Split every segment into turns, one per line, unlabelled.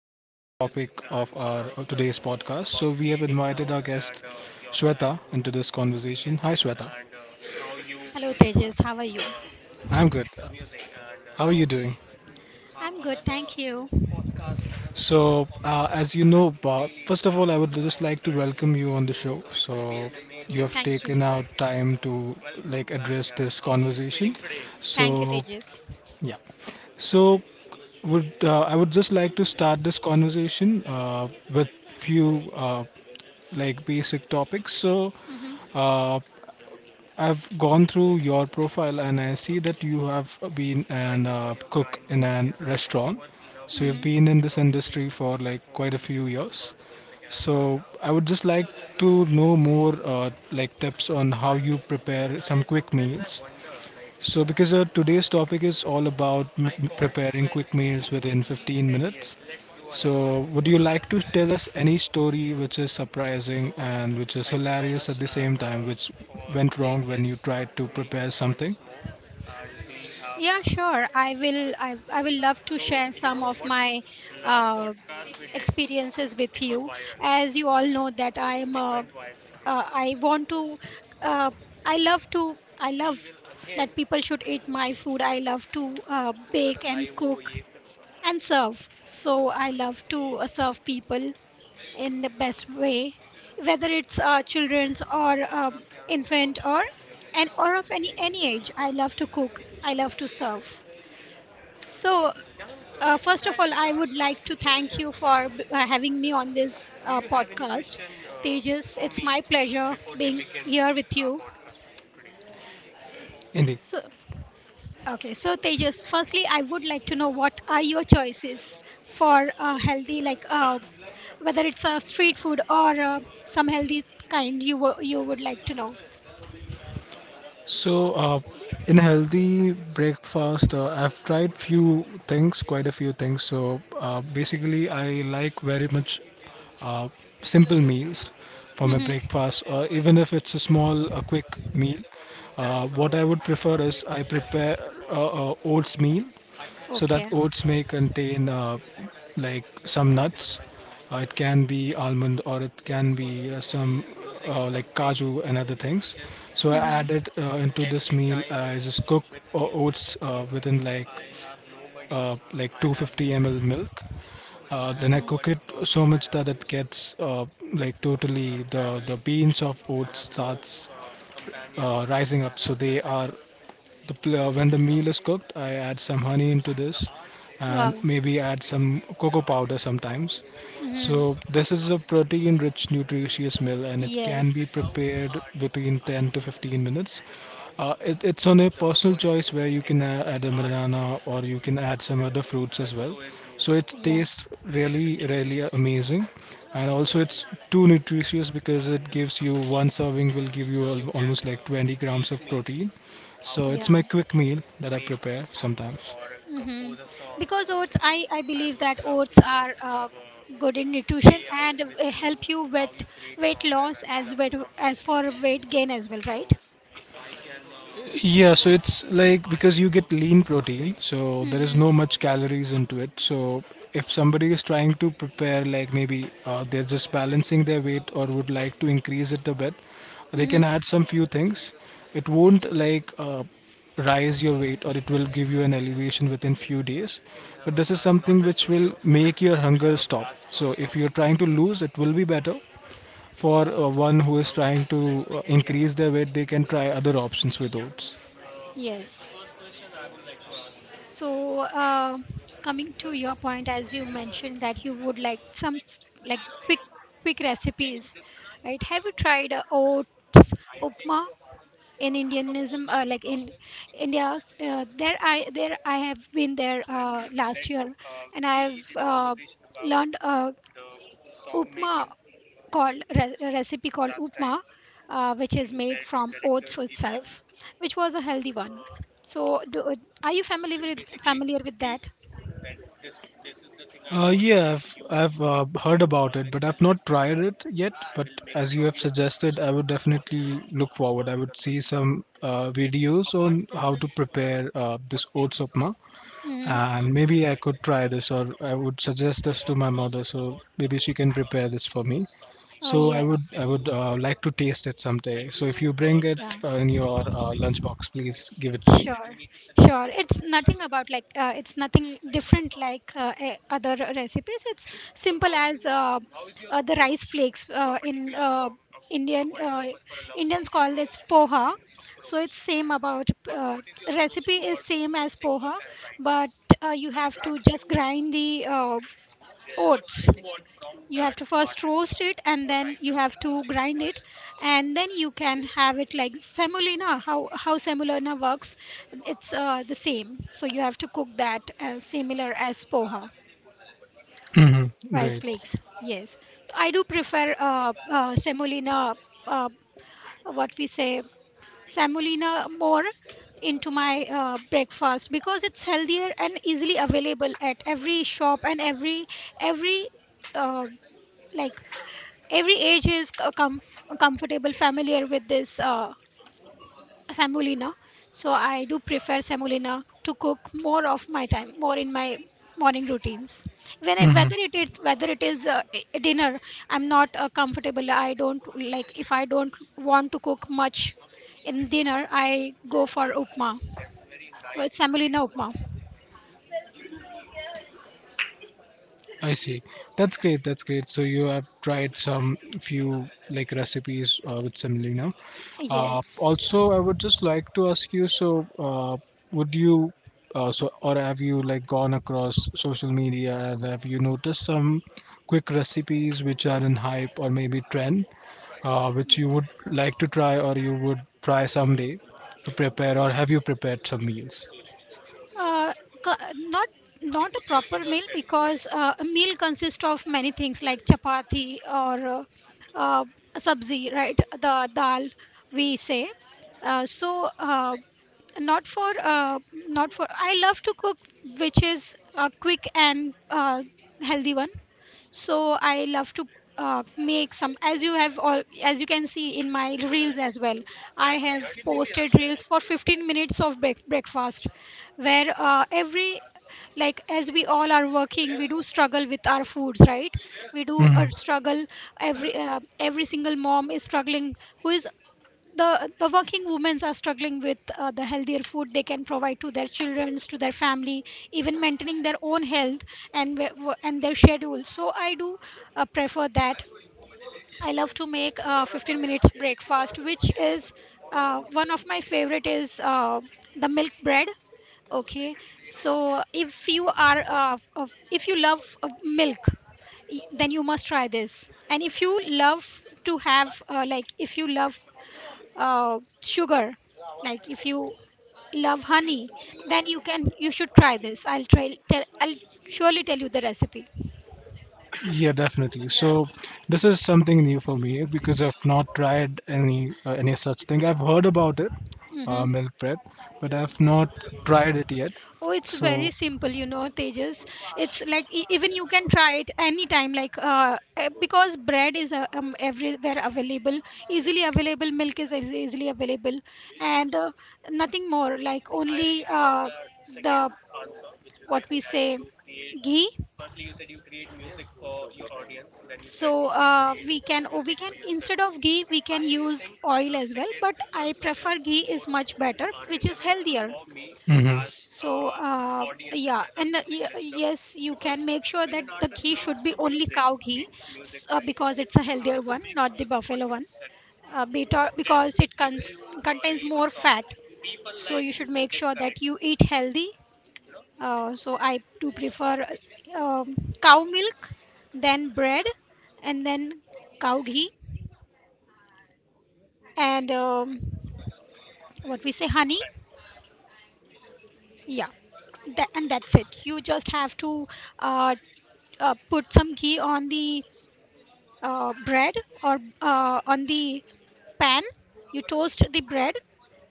This is the topic of our today's podcast. So we have invited our guest Shweta into this conversation. Hi Shweta.
Hello, Tejas. How are you?
I'm good. How are you doing?
I'm good. Thank you.
So, as you know, Bob, first of all, I would just like to welcome you on the show. So, you have
Thank you.
taken out time to like address this conversation.
Thank you,
So,
Tejas.
yeah. So, would I would just like to start this conversation with few like basic topics. So,
Mm-hmm.
uh, I've gone through your profile and I see that you have been an cook in a restaurant. So you've
Mm-hmm.
been in this industry for like quite a few years. So I would just like to know more like tips on how you prepare some quick meals so, because today's topic is all about preparing quick meals within 15 minutes. So, would you like to tell us any story which is surprising and which is hilarious at the same time, which went wrong when you tried to prepare something?
Yeah, sure. I will. I will love to share some of my uh, experiences with you. As you all know, that I want to. Uh, I love to. I love that people should eat my food. I love to bake and cook and serve. So I love to serve people in the best way, whether it's children's or infant or and or of any age. I love to cook. I love to serve. So first of all, I would like to thank you for having me on this podcast, Tejas. It's my pleasure being here with you.
Indeed.
So okay, so Tejas, firstly, I would like to know what are your choices for healthy like whether it's a street food or some healthy kind you would like to know.
So, in healthy breakfast, I've tried few things, quite a few things. So, basically, I like very much uh, simple meals for my
Mm-hmm.
breakfast, or even if it's a small, a quick meal. What I would prefer is I prepare oats meal so that
Okay.
oats may contain like some nuts. It can be almond or it can be some like kaju and other things. So I
Mm-hmm.
add it into this meal. I just cook oats within like 250 ml milk then I
Mm-hmm.
cook it so much that it gets like totally the beans of oats starts rising up. So they are when the meal is cooked, I add some honey into this and
Wow.
maybe add some cocoa powder sometimes.
Mm-hmm.
So, this is a protein rich, nutritious meal and it can be
Yes.
prepared between 10 to 15 minutes. It's on a personal choice where you can add a banana or you can add some other fruits as well. So it
Yeah.
tastes really, really amazing. And also, it's too nutritious because it gives you one serving will give you almost like 20 grams of protein. So it's
Yeah.
my quick meal that I prepare sometimes.
Mm-hmm. Because oats, I believe that oats are good in nutrition and help you with weight loss as well as for weight gain as well, right?
Yeah, so it's like because you get lean protein, so there is
Mm-hmm.
no much calories into it. So if somebody is trying to prepare, like maybe they're just balancing their weight or would like to increase it a bit, they
Mm-hmm.
can add some few things it won't rise your weight or it will give you an elevation within few days, but this is something which will make your hunger stop. So if you're trying to lose, it will be better for one who is trying to increase their weight. They can try other options with oats.
Yes. So, coming to your point, as you mentioned that you would like some like quick recipes, right? Have you tried oat upma in Indianism? Like in India, there I have been there last year, and I've learned a upma called a recipe called upma, which is made from oats itself, which was a healthy one. So, do, are you familiar with that?
Yeah, I've heard about it, but I've not tried it yet. But as you have suggested, I would definitely look forward. I would see some videos on how to prepare this oats upma,
Mm-hmm.
and maybe I could try this, or I would suggest this to my mother, so maybe she can prepare this for me.
Oh
So I would
yes,
I would uh, like to taste it someday. So if you bring it
yeah,
in your lunchbox, please give it to me.
sure, sure. It's nothing about it's nothing different like other recipes. It's simple as the rice flakes in Indian uh, Indians call this poha. So it's same about recipe is same as poha, but you have to just grind the oats. You have to first roast it and then you have to grind it, and then you can have it like semolina, how semolina works. It's the same, so you have to cook that similar as poha
Hmm.
rice
Great.
flakes. Yes. So I do prefer semolina, uh, what we say, semolina more into my breakfast because it's healthier and easily available at every shop and every uh, like every age is comfortable, familiar with this semolina. So I do prefer semolina to cook more of my time, more in my morning routines. When I,
Mm-hmm.
whether it is dinner, I'm not comfortable, I don't like, if I don't want to cook much in dinner, I go for upma, with semolina upma.
I see. That's great. That's great. So you have tried some few like recipes with semolina.
Yes.
Also, I would just like to ask you. So, would you, so or have you like gone across social media and have you noticed some quick recipes which are in hype or maybe trend, which you would like to try or you would try someday to prepare, or have you prepared some meals?
uh, co- Not not a proper meal because a meal consists of many things like chapati or uh, sabzi, right, the dal, we say. So not for not for I love to cook which is a quick and healthy one. So I love to make some, as you have all, as you can see in my reels as well, I have posted reels for 15 minutes of breakfast, where every like, as we all are working, we do struggle with our foods, right? We do struggle, every single mom is struggling, who is, the working women are struggling with the healthier food they can provide to their children, to their family, even maintaining their own health and their schedule. So I do prefer that. I love to make 15 minutes breakfast, which is one of my favorite is the milk bread. Okay, so if you are if you love milk, then you must try this. And if you love to have if you love sugar, like if you love honey, then you should try this. I'll surely tell you the recipe.
Yeah, definitely. So this is something new for me because I've not tried any such thing. I've heard about it,
Hmm.
milk bread, but I've not tried it yet.
Oh, it's
So
very simple, you know, Tejas. It's like even you can try it anytime, like because bread is everywhere available, easily available. Milk is easily available. And nothing more, like only the what we say ghee. So we can, oh, we can, instead of ghee, we can use oil as well, but I prefer ghee is much better, which is healthier. So yeah, and yes, you can make sure that the ghee should be only cow ghee. Because it's a healthier one, not the buffalo one. Uh, better because it contains more fat. So you should make sure that you eat healthy. So I do prefer uh, um, cow milk, then bread, and then cow ghee, and what we say honey. Yeah, that, and that's it. You just have to uh, put some ghee on the bread or on the pan. You toast the bread,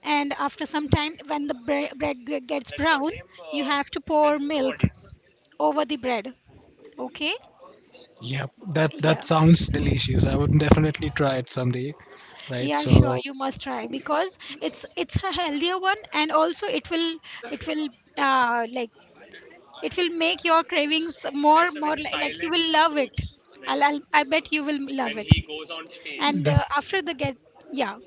and after some time, when the bread gets brown, you have to pour milk over the bread. Okay?
Yeah, that
Yeah.
sounds delicious. I would definitely try it someday, right?
Yeah, sure,
So
you must try, because it's a healthier one, and also it will uh like it will make your cravings more, like you will love it. I bet you will love it. And
Def
after the get, yeah,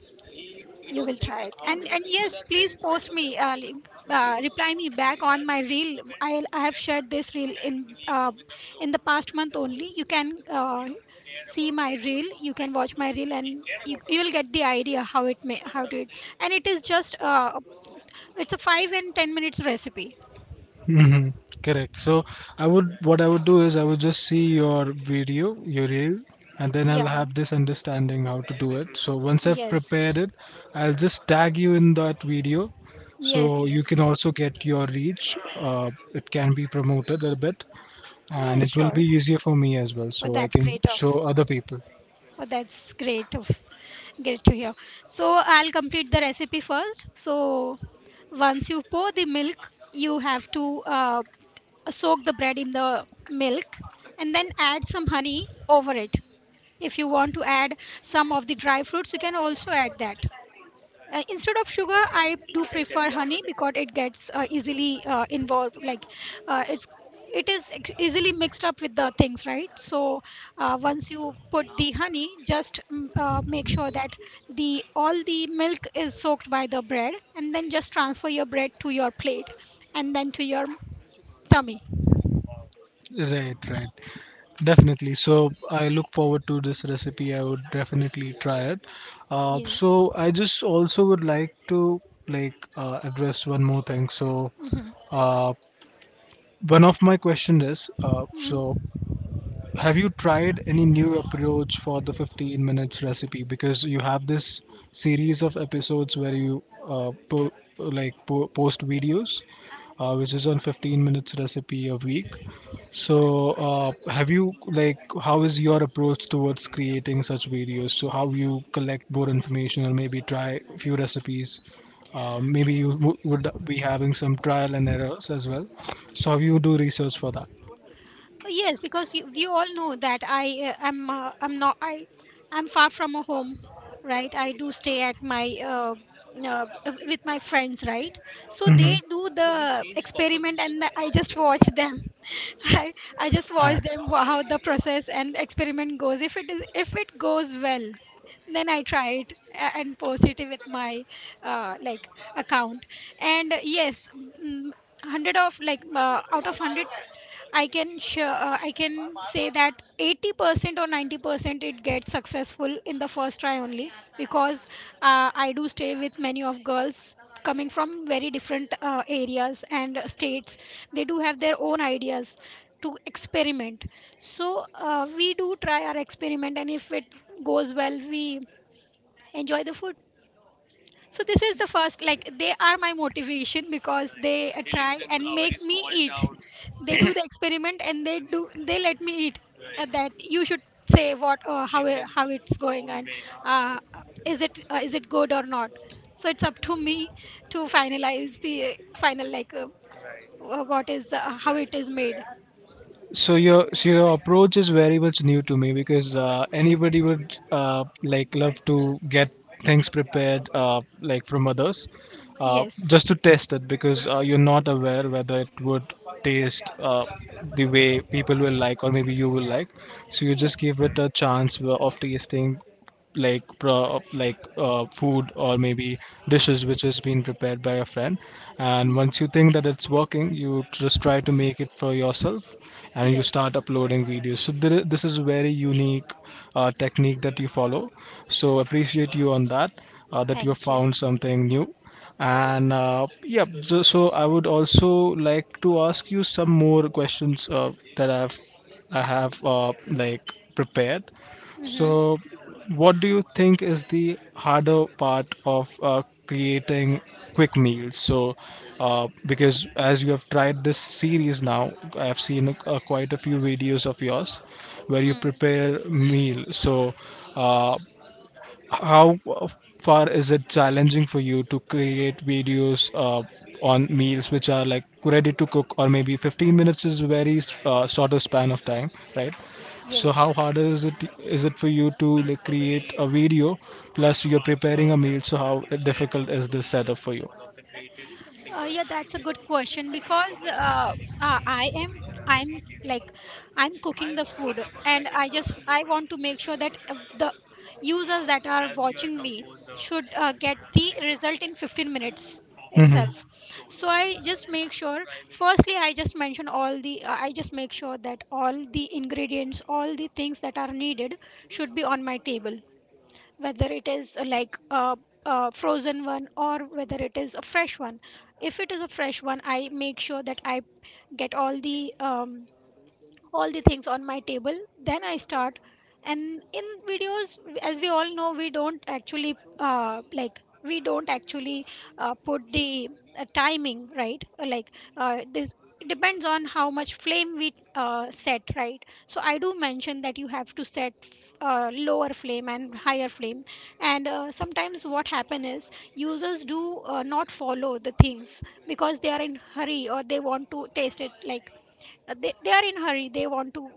you will try it. And yes, please post me, reply me back on my reel. I have shared this reel uh, in the past month only. You can see my reel. You can watch my reel, and you will get the idea how it may how to it. And it is just it's a 5 and 10 minutes recipe.
hmm Correct. So I would, what I would do is I would just see your video, your reel, and then I'll
Yeah.
have this understanding how to do it. So once I've
Yes.
prepared it, I'll just tag you in that video,
Yes.
so you
Yes.
can also get your reach. It can be promoted a bit, and
Yes.
it will be
Sure.
easier for me as well,
Well,
so I
that's
can
great of
show other people.
Oh, that's great. Great to hear. So I'll complete the recipe first. So once you pour the milk, you have to soak the bread in the milk and then add some honey over it. If you want to add some of the dry fruits, you can also add that. Instead of sugar, I do prefer honey because it gets easily involved, like it's, it is easily mixed up with the things, right? So once you put the honey, just make sure that the all the milk is soaked by the bread, and then just transfer your bread to your plate and then to your tummy.
Right, right. Definitely. So I look forward to this recipe. I would definitely try it.
Yes.
So I just also would like to address one more thing. So uh, one of my question is
Hmm.
so have you tried any new approach for the 15 minutes recipe? Because you have this series of episodes where you post videos, which is on 15 minutes recipe a week. So, have you like how is your approach towards creating such videos? So, how you collect more information or maybe try a few recipes? Maybe you would be having some trial and errors as well. So, how you do research for that?
Yes, because you, we all know that I am I'm not I I'm far from a home, right? I do stay at my uh, with my friends, right? So they
Mm-hmm.
do the experiment, and I just watch them. I I just watch them how the process and experiment goes. If it goes well, then I try it and post it with my uh, like account. And yes, mm, hundred of out of hundred, I can sure, I can say that 80% or 90% it gets successful in the first try only, because I do stay with many of girls coming from very different areas and states. They do have their own ideas to experiment. So we do try our experiment, and if it goes well, we enjoy the food. So this is the first, like they are my motivation because they try and make me eat. They do the experiment, and they let me eat. That you should say what how it's going and uh, is it good or not. So it's up to me to finalize the final what is how it is made.
So your approach is very much new to me because anybody would like love to get things prepared like from others
Yes.
just to test it because you're not aware whether it would taste the way people will like or maybe you will like. So you just
Yes.
give it a chance of tasting like food or maybe dishes which has been prepared by a friend, and
Mm.
once you think that it's working you just try to make it for yourself and you start
Yes.
uploading videos. So there, this is a very unique technique that you follow, so appreciate you on that that you have
Thank you.
found something new and yeah. So, so I would also like to ask you some more questions that I have like prepared.
Mm-hmm.
So, what do you think is the harder part of creating quick meals? So, because as you have tried this series now, I've seen quite a few videos of yours where you
Mm.
prepare meal. So, uh, how far is it challenging for you to create videos on meals which are like ready to cook, or maybe 15 minutes is very shorter span of time, right? So how
Yes.
harder is it for you to like, create a video plus you're preparing a meal? So how difficult is this setup for you?
Yeah, that's a good question because uh, I am I'm like I'm cooking the food, and I want to make sure that the users that are watching me should get the result in 15 minutes
Hmm.
itself. So I just make sure, firstly, I just mention all the I just make sure that all the ingredients, all the things that are needed should be on my table, whether it is like a frozen one or whether it is a fresh one. If it is a fresh one, I make sure that I get all the things on my table, then I start. And in videos, as we all know, we don't actually like we don't actually put the timing, right? Like this, it depends on how much flame we set, right? So I do mention that you have to set lower flame and higher flame. And sometimes what happen is users do not follow the things because they are in hurry, or they want to taste it like they are in hurry. They want to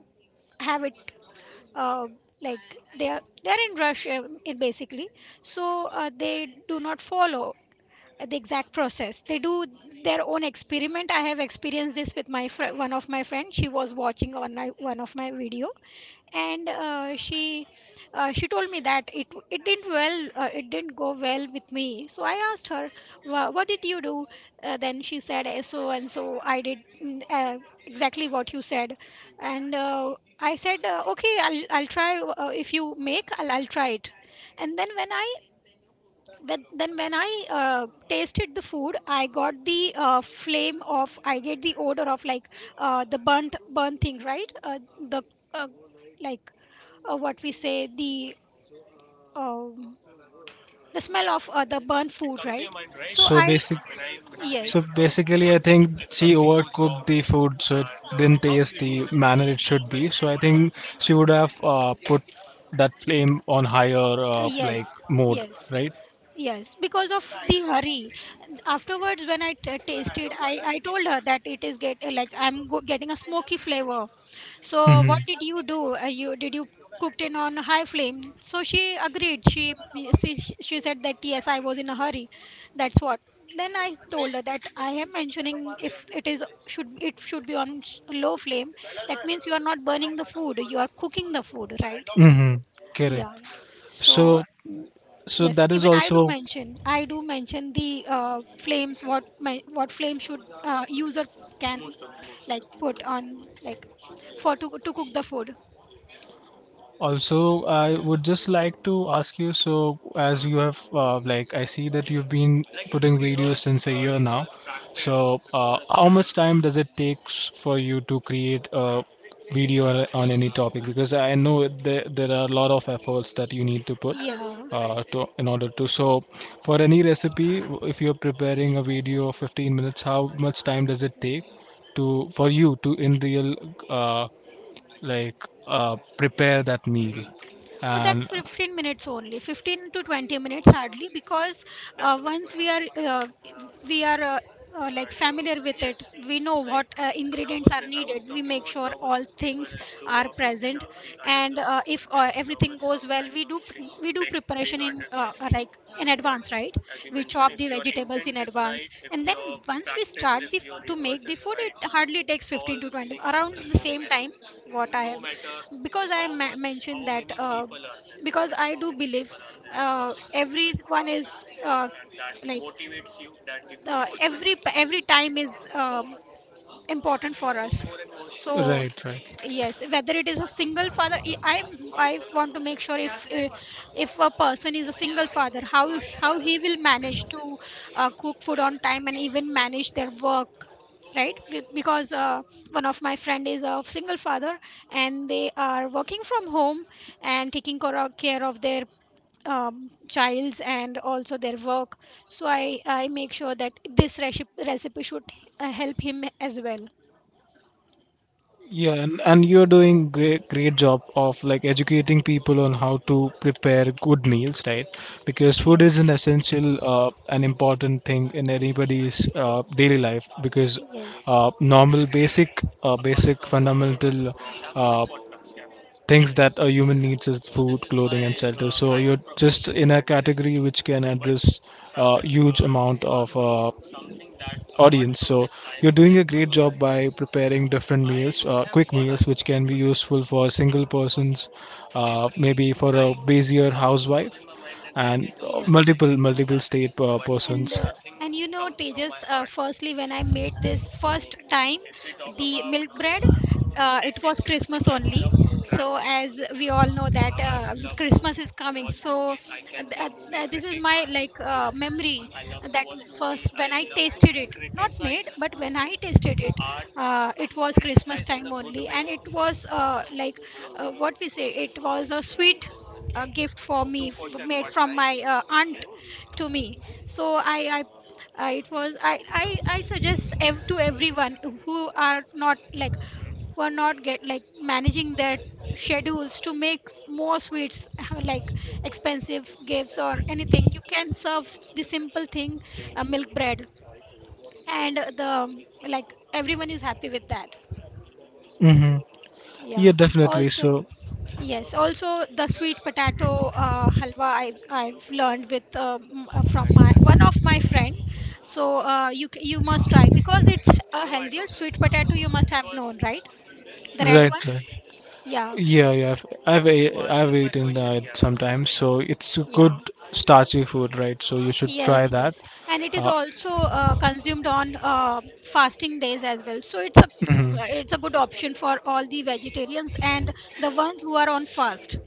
have it, uh, like they are in rush, in, basically. So they do not follow the exact process. They do their own experiment. I have experienced this with my one of my friends. She was watching one of my video, and she told me that it didn't well, it didn't go well with me. So I asked her, What did you do then she said, "Eh, so and so I did, exactly what you said." And I said, "Okay, I'll try. If you make, I'll try it." And then when I, but then when I tasted the food, I got the flame of, I get the odor of, like, the burnt thing, right? The, uh, like, what we say, the um, the smell of the burnt food, right? So
So
I,
basic. So
yes,
basically, I think she overcooked the food, so it didn't taste the manner it should be. So I think she would have put that flame on higher like
yes,
mode,
yes.
right?
Yes, because of the hurry. Afterwards, when I tasted, I told her that, "It is get like I'm getting a smoky flavor. So
Mm-hmm.
what did you do? You did you cooked it on high flame?" So she agreed. She said that, "Yes, I was in a hurry. That's what." Then I told her that I am mentioning, if it is should, it should be on low flame. That means you are not burning the food. You are cooking the food, right?
Mm-hmm. Correct.
Yeah. So,
So so
yes,
that is
even I do
also
mention. I do mention the flames. What my, what flame should user can, like, put on, like, for to cook the food.
Also, I would just like to ask you. So, as you have, like, I see that you've been putting videos since a year now. So, how much time does it take for you to create a video on any topic? Because I know there are a lot of efforts that you need to put
Yeah.
to in order to. So, for any recipe, if you're preparing a video of 15 minutes, how much time does it take to for you to in real? Uh, prepare that meal
Oh, that's
and
15 minutes only, 15 to 20 minutes hardly, because once we are like familiar with it, we know what ingredients are needed. We make sure all things are present, and if everything goes well, we do we do preparation in like in advance, right? We chop the vegetables in advance, and then once we start the to make the food, it hardly takes 15 to 20, around the same time what I have, because I mentioned that. Because I do believe everyone is like every time is important for us, so
right right
yes, whether it is a single father, I I want to make sure, if a person is a single father, how he will manage to cook food on time and even manage their work, right? Because one of my friend is a single father, and they are working from home and taking care of their childs and also their work. So I make sure that this recipe should help him as well.
Yeah, and you're doing great great job of like educating people on how to prepare good meals, right? Because food is an
Yes,
essential and important thing in anybody's daily life because
yes,
normal basic basic fundamental uh, things that a human needs is food, clothing, and shelter. So you're just in a category which can address a huge amount of audience. So you're doing a great job by preparing different meals, quick meals, which can be useful for single persons, maybe for a busier housewife, and
yes.
multiple multiple state
And
persons.
and you know, Tejas, firstly, when I made this first time, the milk bread, it was Christmas only. So, as we all know that Christmas is coming, so this is my, like, memory that first when I tasted it, not made, but when I tasted it, it was Christmas time only, and it was like, what we say, it was a sweet gift for me, made from my aunt to me. So I, it was, I suggest to everyone who are not like who are not get like managing their schedules to make more sweets like expensive gifts or anything. You can serve the simple thing, milk bread, and the like, everyone is happy with that.
Mm-hmm. Yeah,
Yeah.
definitely.
Also,
So,
yes. Also, the sweet potato halwa, I've learned with from my one of my friend. So you you must try, because it's a healthier sweet potato. You must have known, right? The red
right,
one.
right.
Yeah.
Yeah, yeah. I've eaten that sometimes. So it's a good
Yeah.
starchy food, right? So you should try
Yes.
that.
Yes. And it is
Uh,
also consumed on fasting days as well. So it's a,
mhm.
it's a good option for all the vegetarians and the ones who are on fast.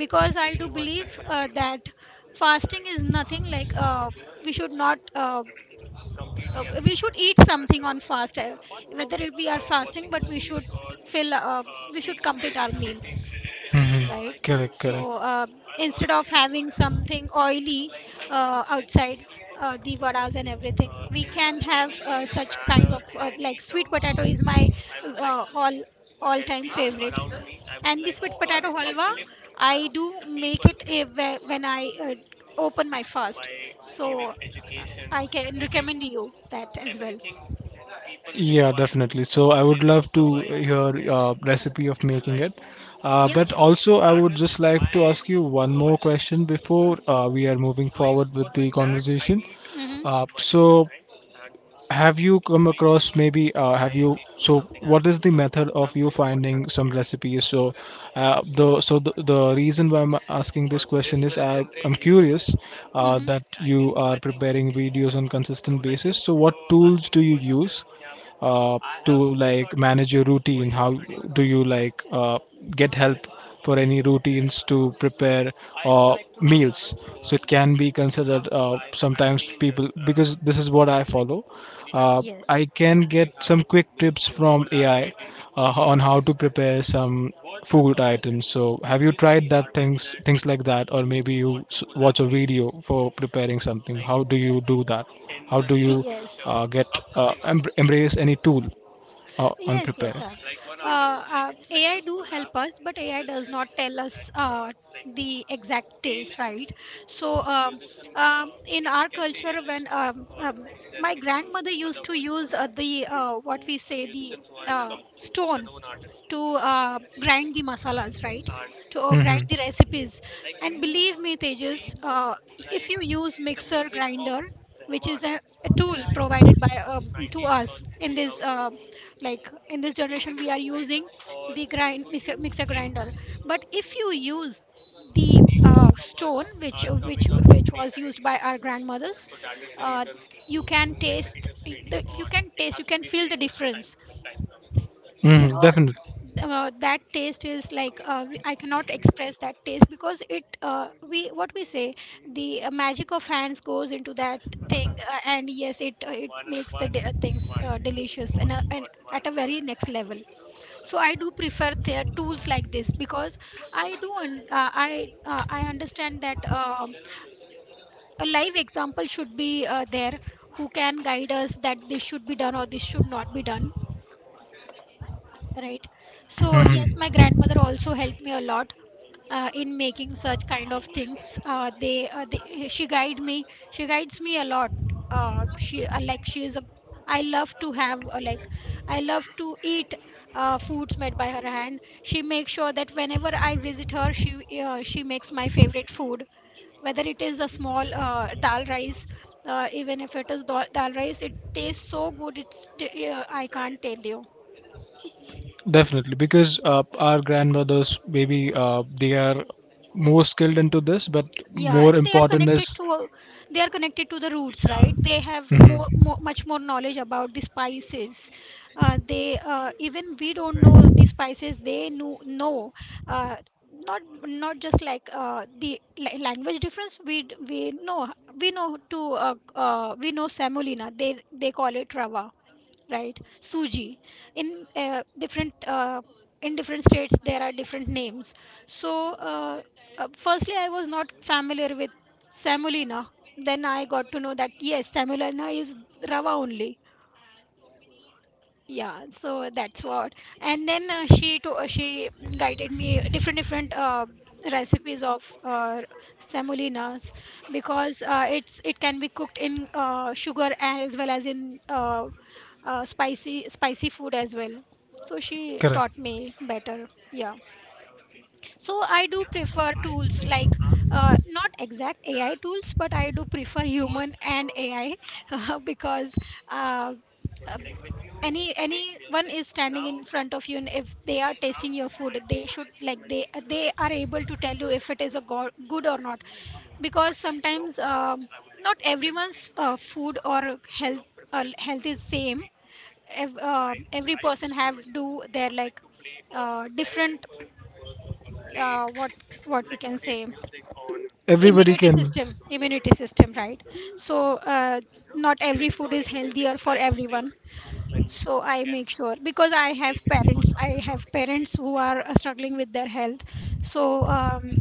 Because I do believe that fasting is nothing like we should not we should eat something on fast, whether it, we are fasting, but we should fill, we should complete our meal,
Hmm.
right?
Correct, see correct.
So instead of having something oily outside, the vadas and everything, we can have such kinds of, like, sweet potato is my uh, all all time favorite. And the sweet potato halwa, I do make it, eh, when I open my fast. So I can recommend you that as well.
Yeah, require definitely. So I would in love to survive hear recipe of making it.
Yeah,
But
sure, sure.
also, I would just like to ask you one more question before we are moving forward with the conversation.
Mm-hmm.
Uh, so right? Have you come across maybe have you so what is the method of you finding some recipes? So The reason why I'm asking this question is I'm curious
Mm-hmm.
that you are preparing videos on consistent basis, so what tools do you use uh, to like manage your routine? How do you like get help for any routines to prepare meals? So it can be considered, sometimes people, because this is what I follow. Uh,
Yes,
I can get some quick tips from AI on how to prepare some food items. So, have you tried that, things like that, or maybe you watch a video for preparing something? How do you do that? How do you
yes.
get uh, embrace any tool on
Yes, yes,
preparing?
sir. Uh, AI do help us, but AI does not tell us the exact taste, right? So, in our culture, when my grandmother used to use the, what we say, the stone to grind the masalas, right? To grind
hmm
the recipes. And believe me, Tejas, if you use mixer grinder, which is a tool provided by to us in this like in this generation, we are using the grind mixer, mixer grinder. But if you use the stone which was used by our grandmothers, uh, you can taste the, you can taste, you can feel the difference, you
hmm.
know?
Definitely.
That taste is like, I cannot express that taste because it, we, what we say, the magic of hands goes into that thing. And yes, it it makes the things delicious and at a very next level. So I do prefer the tools like this, because I do I I understand that um, a live example should be there who can guide us that this should be done or this should not be done. Right. So,
hmm
yes, my grandmother also helped me a lot in making such kind of things. They, she guide me. She guides me a lot. She like, she is a. I love to have, like, I love to eat foods made by her hand. She makes sure that whenever I visit her, she makes my favorite food. Whether it is a small dal rice, even if it is dal rice, it tastes so good. It's I can't tell you.
Definitely, because our grandmothers maybe they are more skilled into this, but right,
Yeah,
more
and they are
important
connected
is.
to, they are connected to the roots, right? They have more,
Mhm.
more, much more knowledge about the spices. They even we don't know the spices. They know uh, not, not just like the language difference. We we know, we know to we know semolina. They call it rava, right? Suji, in different in different states, there are different names. So uh, firstly, I was not familiar with semolina. Then I got to know that yes, semolina is rava only. Yeah, so that's what. And then she to she guided me different different recipes of semolinas. Because it's, it can be cooked in sugar as well as in spicy food as well. So she
Correct.
taught me better. Yeah. So I do prefer tools like not exact AI tools, but I do prefer human and AI because uh, uh, anyone is standing in front of you, and if they are tasting your food, they should like they are able to tell you if it is a good or not. Because sometimes not everyone's food or health, health is same. Every person have do their like different, uh, what what we can say,
Everybody can.
immunity system, right? So uh, not every food is healthier for everyone. So I make sure, because I have parents, I have parents who are struggling with their health. So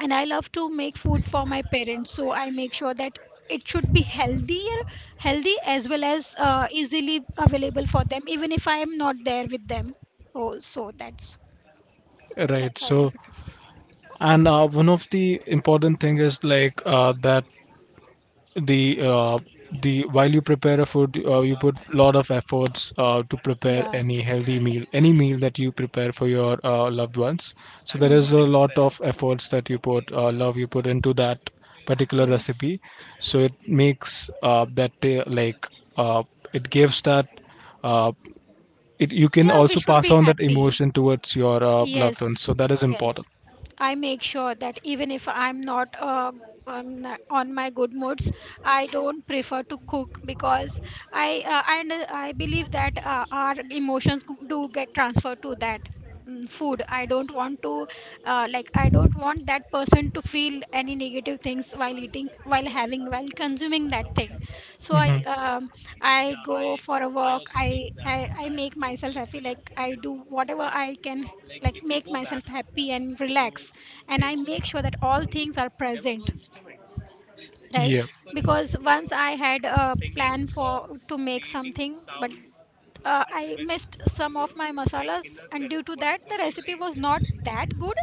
and I love to make food for my parents, so I make sure that it should be healthier, healthy, as well as easily available for them, even if I am not there with them. Oh, so that's
Right.
that's I
So,
prepare.
and one of the important thing is like that the uh, the while you prepare a food, you put lot of efforts to prepare
Yeah.
any healthy meal, any meal that you prepare for your loved ones. So there is a
Mm-hmm.
lot of efforts that you put, love you put into that particular
Yes.
recipe, so it makes that ta- like uh, it gives that, uh, it, you can
Yeah, we
also
should
pass
be
on that
happy.
emotion towards your loved ones,
Yes,
so that is important.
yes. I make sure that even if I'm not on, on my good moods, I don't prefer to cook, because I, and I believe that our emotions do get transferred to that, food. I don't want to I don't want that person to feel any negative things while eating, while having, while consuming that thing. So I go for a walk. I make myself happy. Like I do whatever I can like make myself happy and relax, and I make sure that all things are present, right? Because once I had a plan for to make something, but I missed some of my masalas, and due to that the recipe was not that good.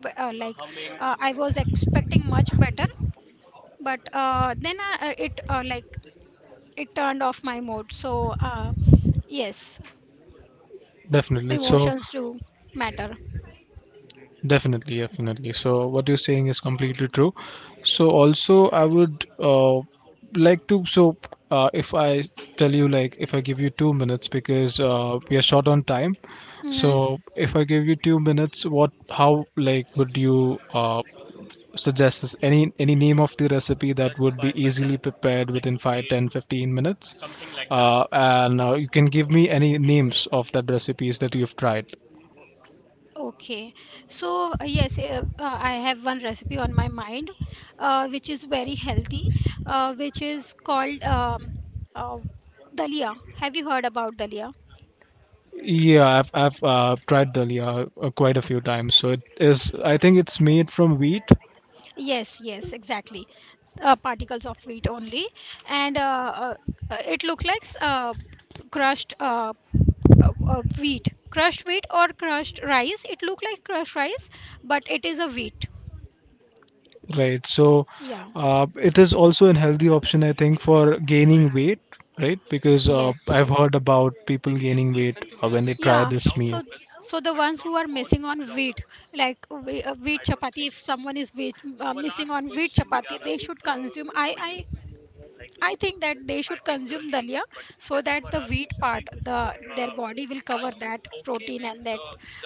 b- uh, like I was expecting much better, but then I, it like it turned off my mood. So uh, yes,
Definitely. So,
emotions do matter.
definitely, definitely. So what you're saying is completely true. So also I would like to, so if I tell you, like if I give you 2 minutes, because we are short on time.
Hmm.
So if I give you 2 minutes, what, how, like would you suggest this? Any name of the recipe that would be easily prepared within 5, 10, 15 minutes? And you can give me any names of the recipes that you've tried.
Okay, so I have one recipe on my mind, which is very healthy, which is called uh, dalia. Have you heard about dalia?
Yeah, I've tried dalia quite a few times. So it is. I think it's made from wheat,
Yes, yes, exactly. Particles of wheat only, and uh, it looks like crushed wheat, crushed wheat or crushed rice. It look like crushed rice, but it is a wheat.
right? So
Yeah.
it is also an healthy option, I think, for gaining weight, right? Because
Yes.
I've
Yes.
heard about people gaining weight when they try
Yeah,
this meal.
so so the ones who are missing on wheat, like wheat chapati, if someone is wheat, missing on wheat chapati, they should consume. I I think that they should consume dalia so that the wheat part, the their body will cover that protein and that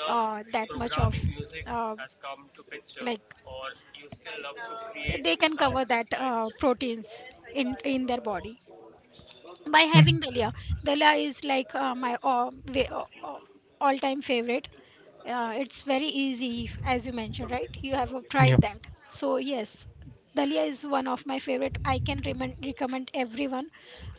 that much of uh, like they can cover that proteins in their body by having
Mhm.
Dalia. Dalia is like my all time favorite. It's very easy, as you mentioned, right? You have
Yeah,
tried that. So, yes, Dalia is one of my favorite. I can recommend everyone.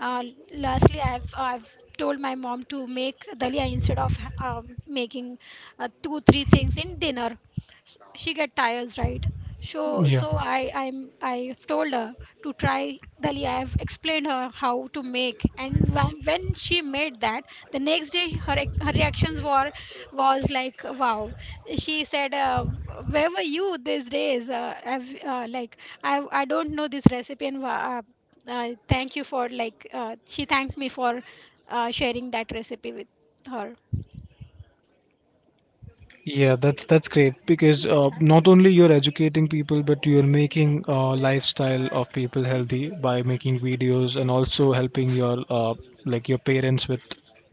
Uh, Lastly, I've told my mom to make Dalia instead of making two, three things in dinner. She get tired, right? So,
yeah.
I've told her to try dali. I have explained her how to make, and when she made that, the next day her her reactions were was like, wow. She said, "Where were you these days? I've, I don't know this recipe, and thank you for like." She thanked me for sharing that recipe with her.
Yeah, that's great because not only you're educating people, but you're making lifestyle of people healthy by making videos and also helping your like your parents with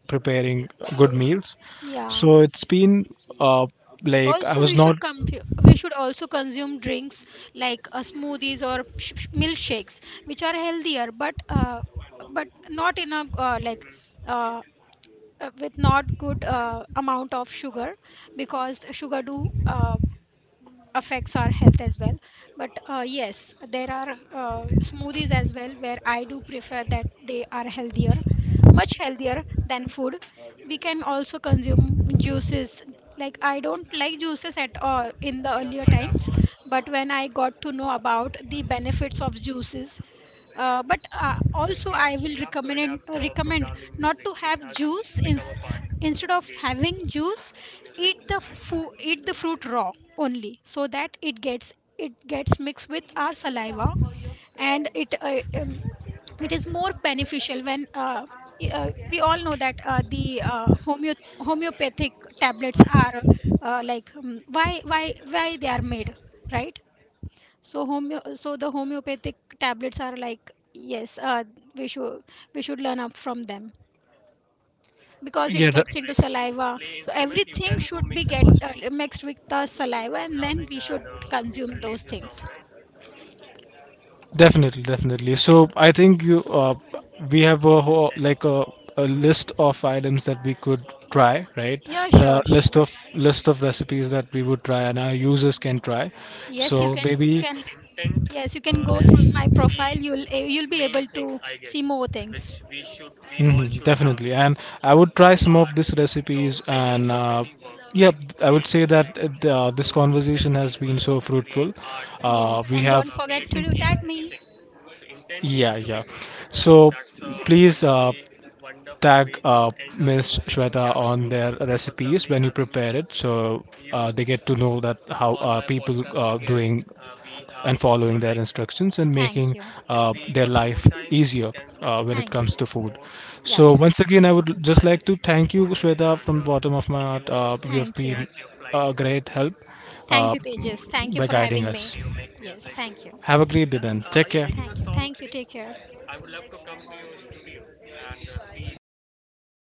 preparing good meals.
Yeah.
So it's been uh, like I
Also
was
we
not.
should we should also consume drinks like smoothies or milkshakes which are healthier, but but not in a uh, with not good amount of sugar, because sugar do affects our health as well. But yes, there are smoothies as well where I do prefer that they are healthier, much healthier than food. We can also consume juices. Like I don't like juices at all in the earlier times, but when I got to know about the benefits of juices, but also I will recommend not to have juice in, instead of having juice eat eat the fruit raw only, so that it gets mixed with our saliva, and it it is more beneficial when we all know that homeopathic tablets are why they are made, right? So homeo so the homeopathic tablets are like yes, we should we should learn up from them because it
Yeah. The,
gets into saliva. So everything should be get mixed with the saliva, and then we should consume those things.
definitely, definitely. So I think you, we have a whole, like a list of items that we could try, right?
Yeah,
There are
sure, sure.
list of recipes that we would try and our users can try.
Yes,
So yes,
you
maybe.
can yes you can go through my profile. You'll you'll be able to see more things.
Mhm, definitely. And I would try some of these recipes and really, yeah, I would really say well that this conversation has been so fruitful.
Yes,
We
and
have,
don't forget to tag me.
yeah, yeah. So please, tag Miss Shweta on their recipes when you prepare it, so they get to know that how people doing and following their instructions and
Thank
making
you,
their life easier when it
thank you,
comes to
Teja.
food.
Yeah,
So
sure.
once again, I would just like to thank you, Shweta, from the bottom of my heart. You have
Thank you.
been a great help
Thank
uh,
you, Tejas. Thank you
by
for
guiding
having me.
us.
Yes, thank you.
Have a great day then. Take care.
Thank you. Thank you. Take care.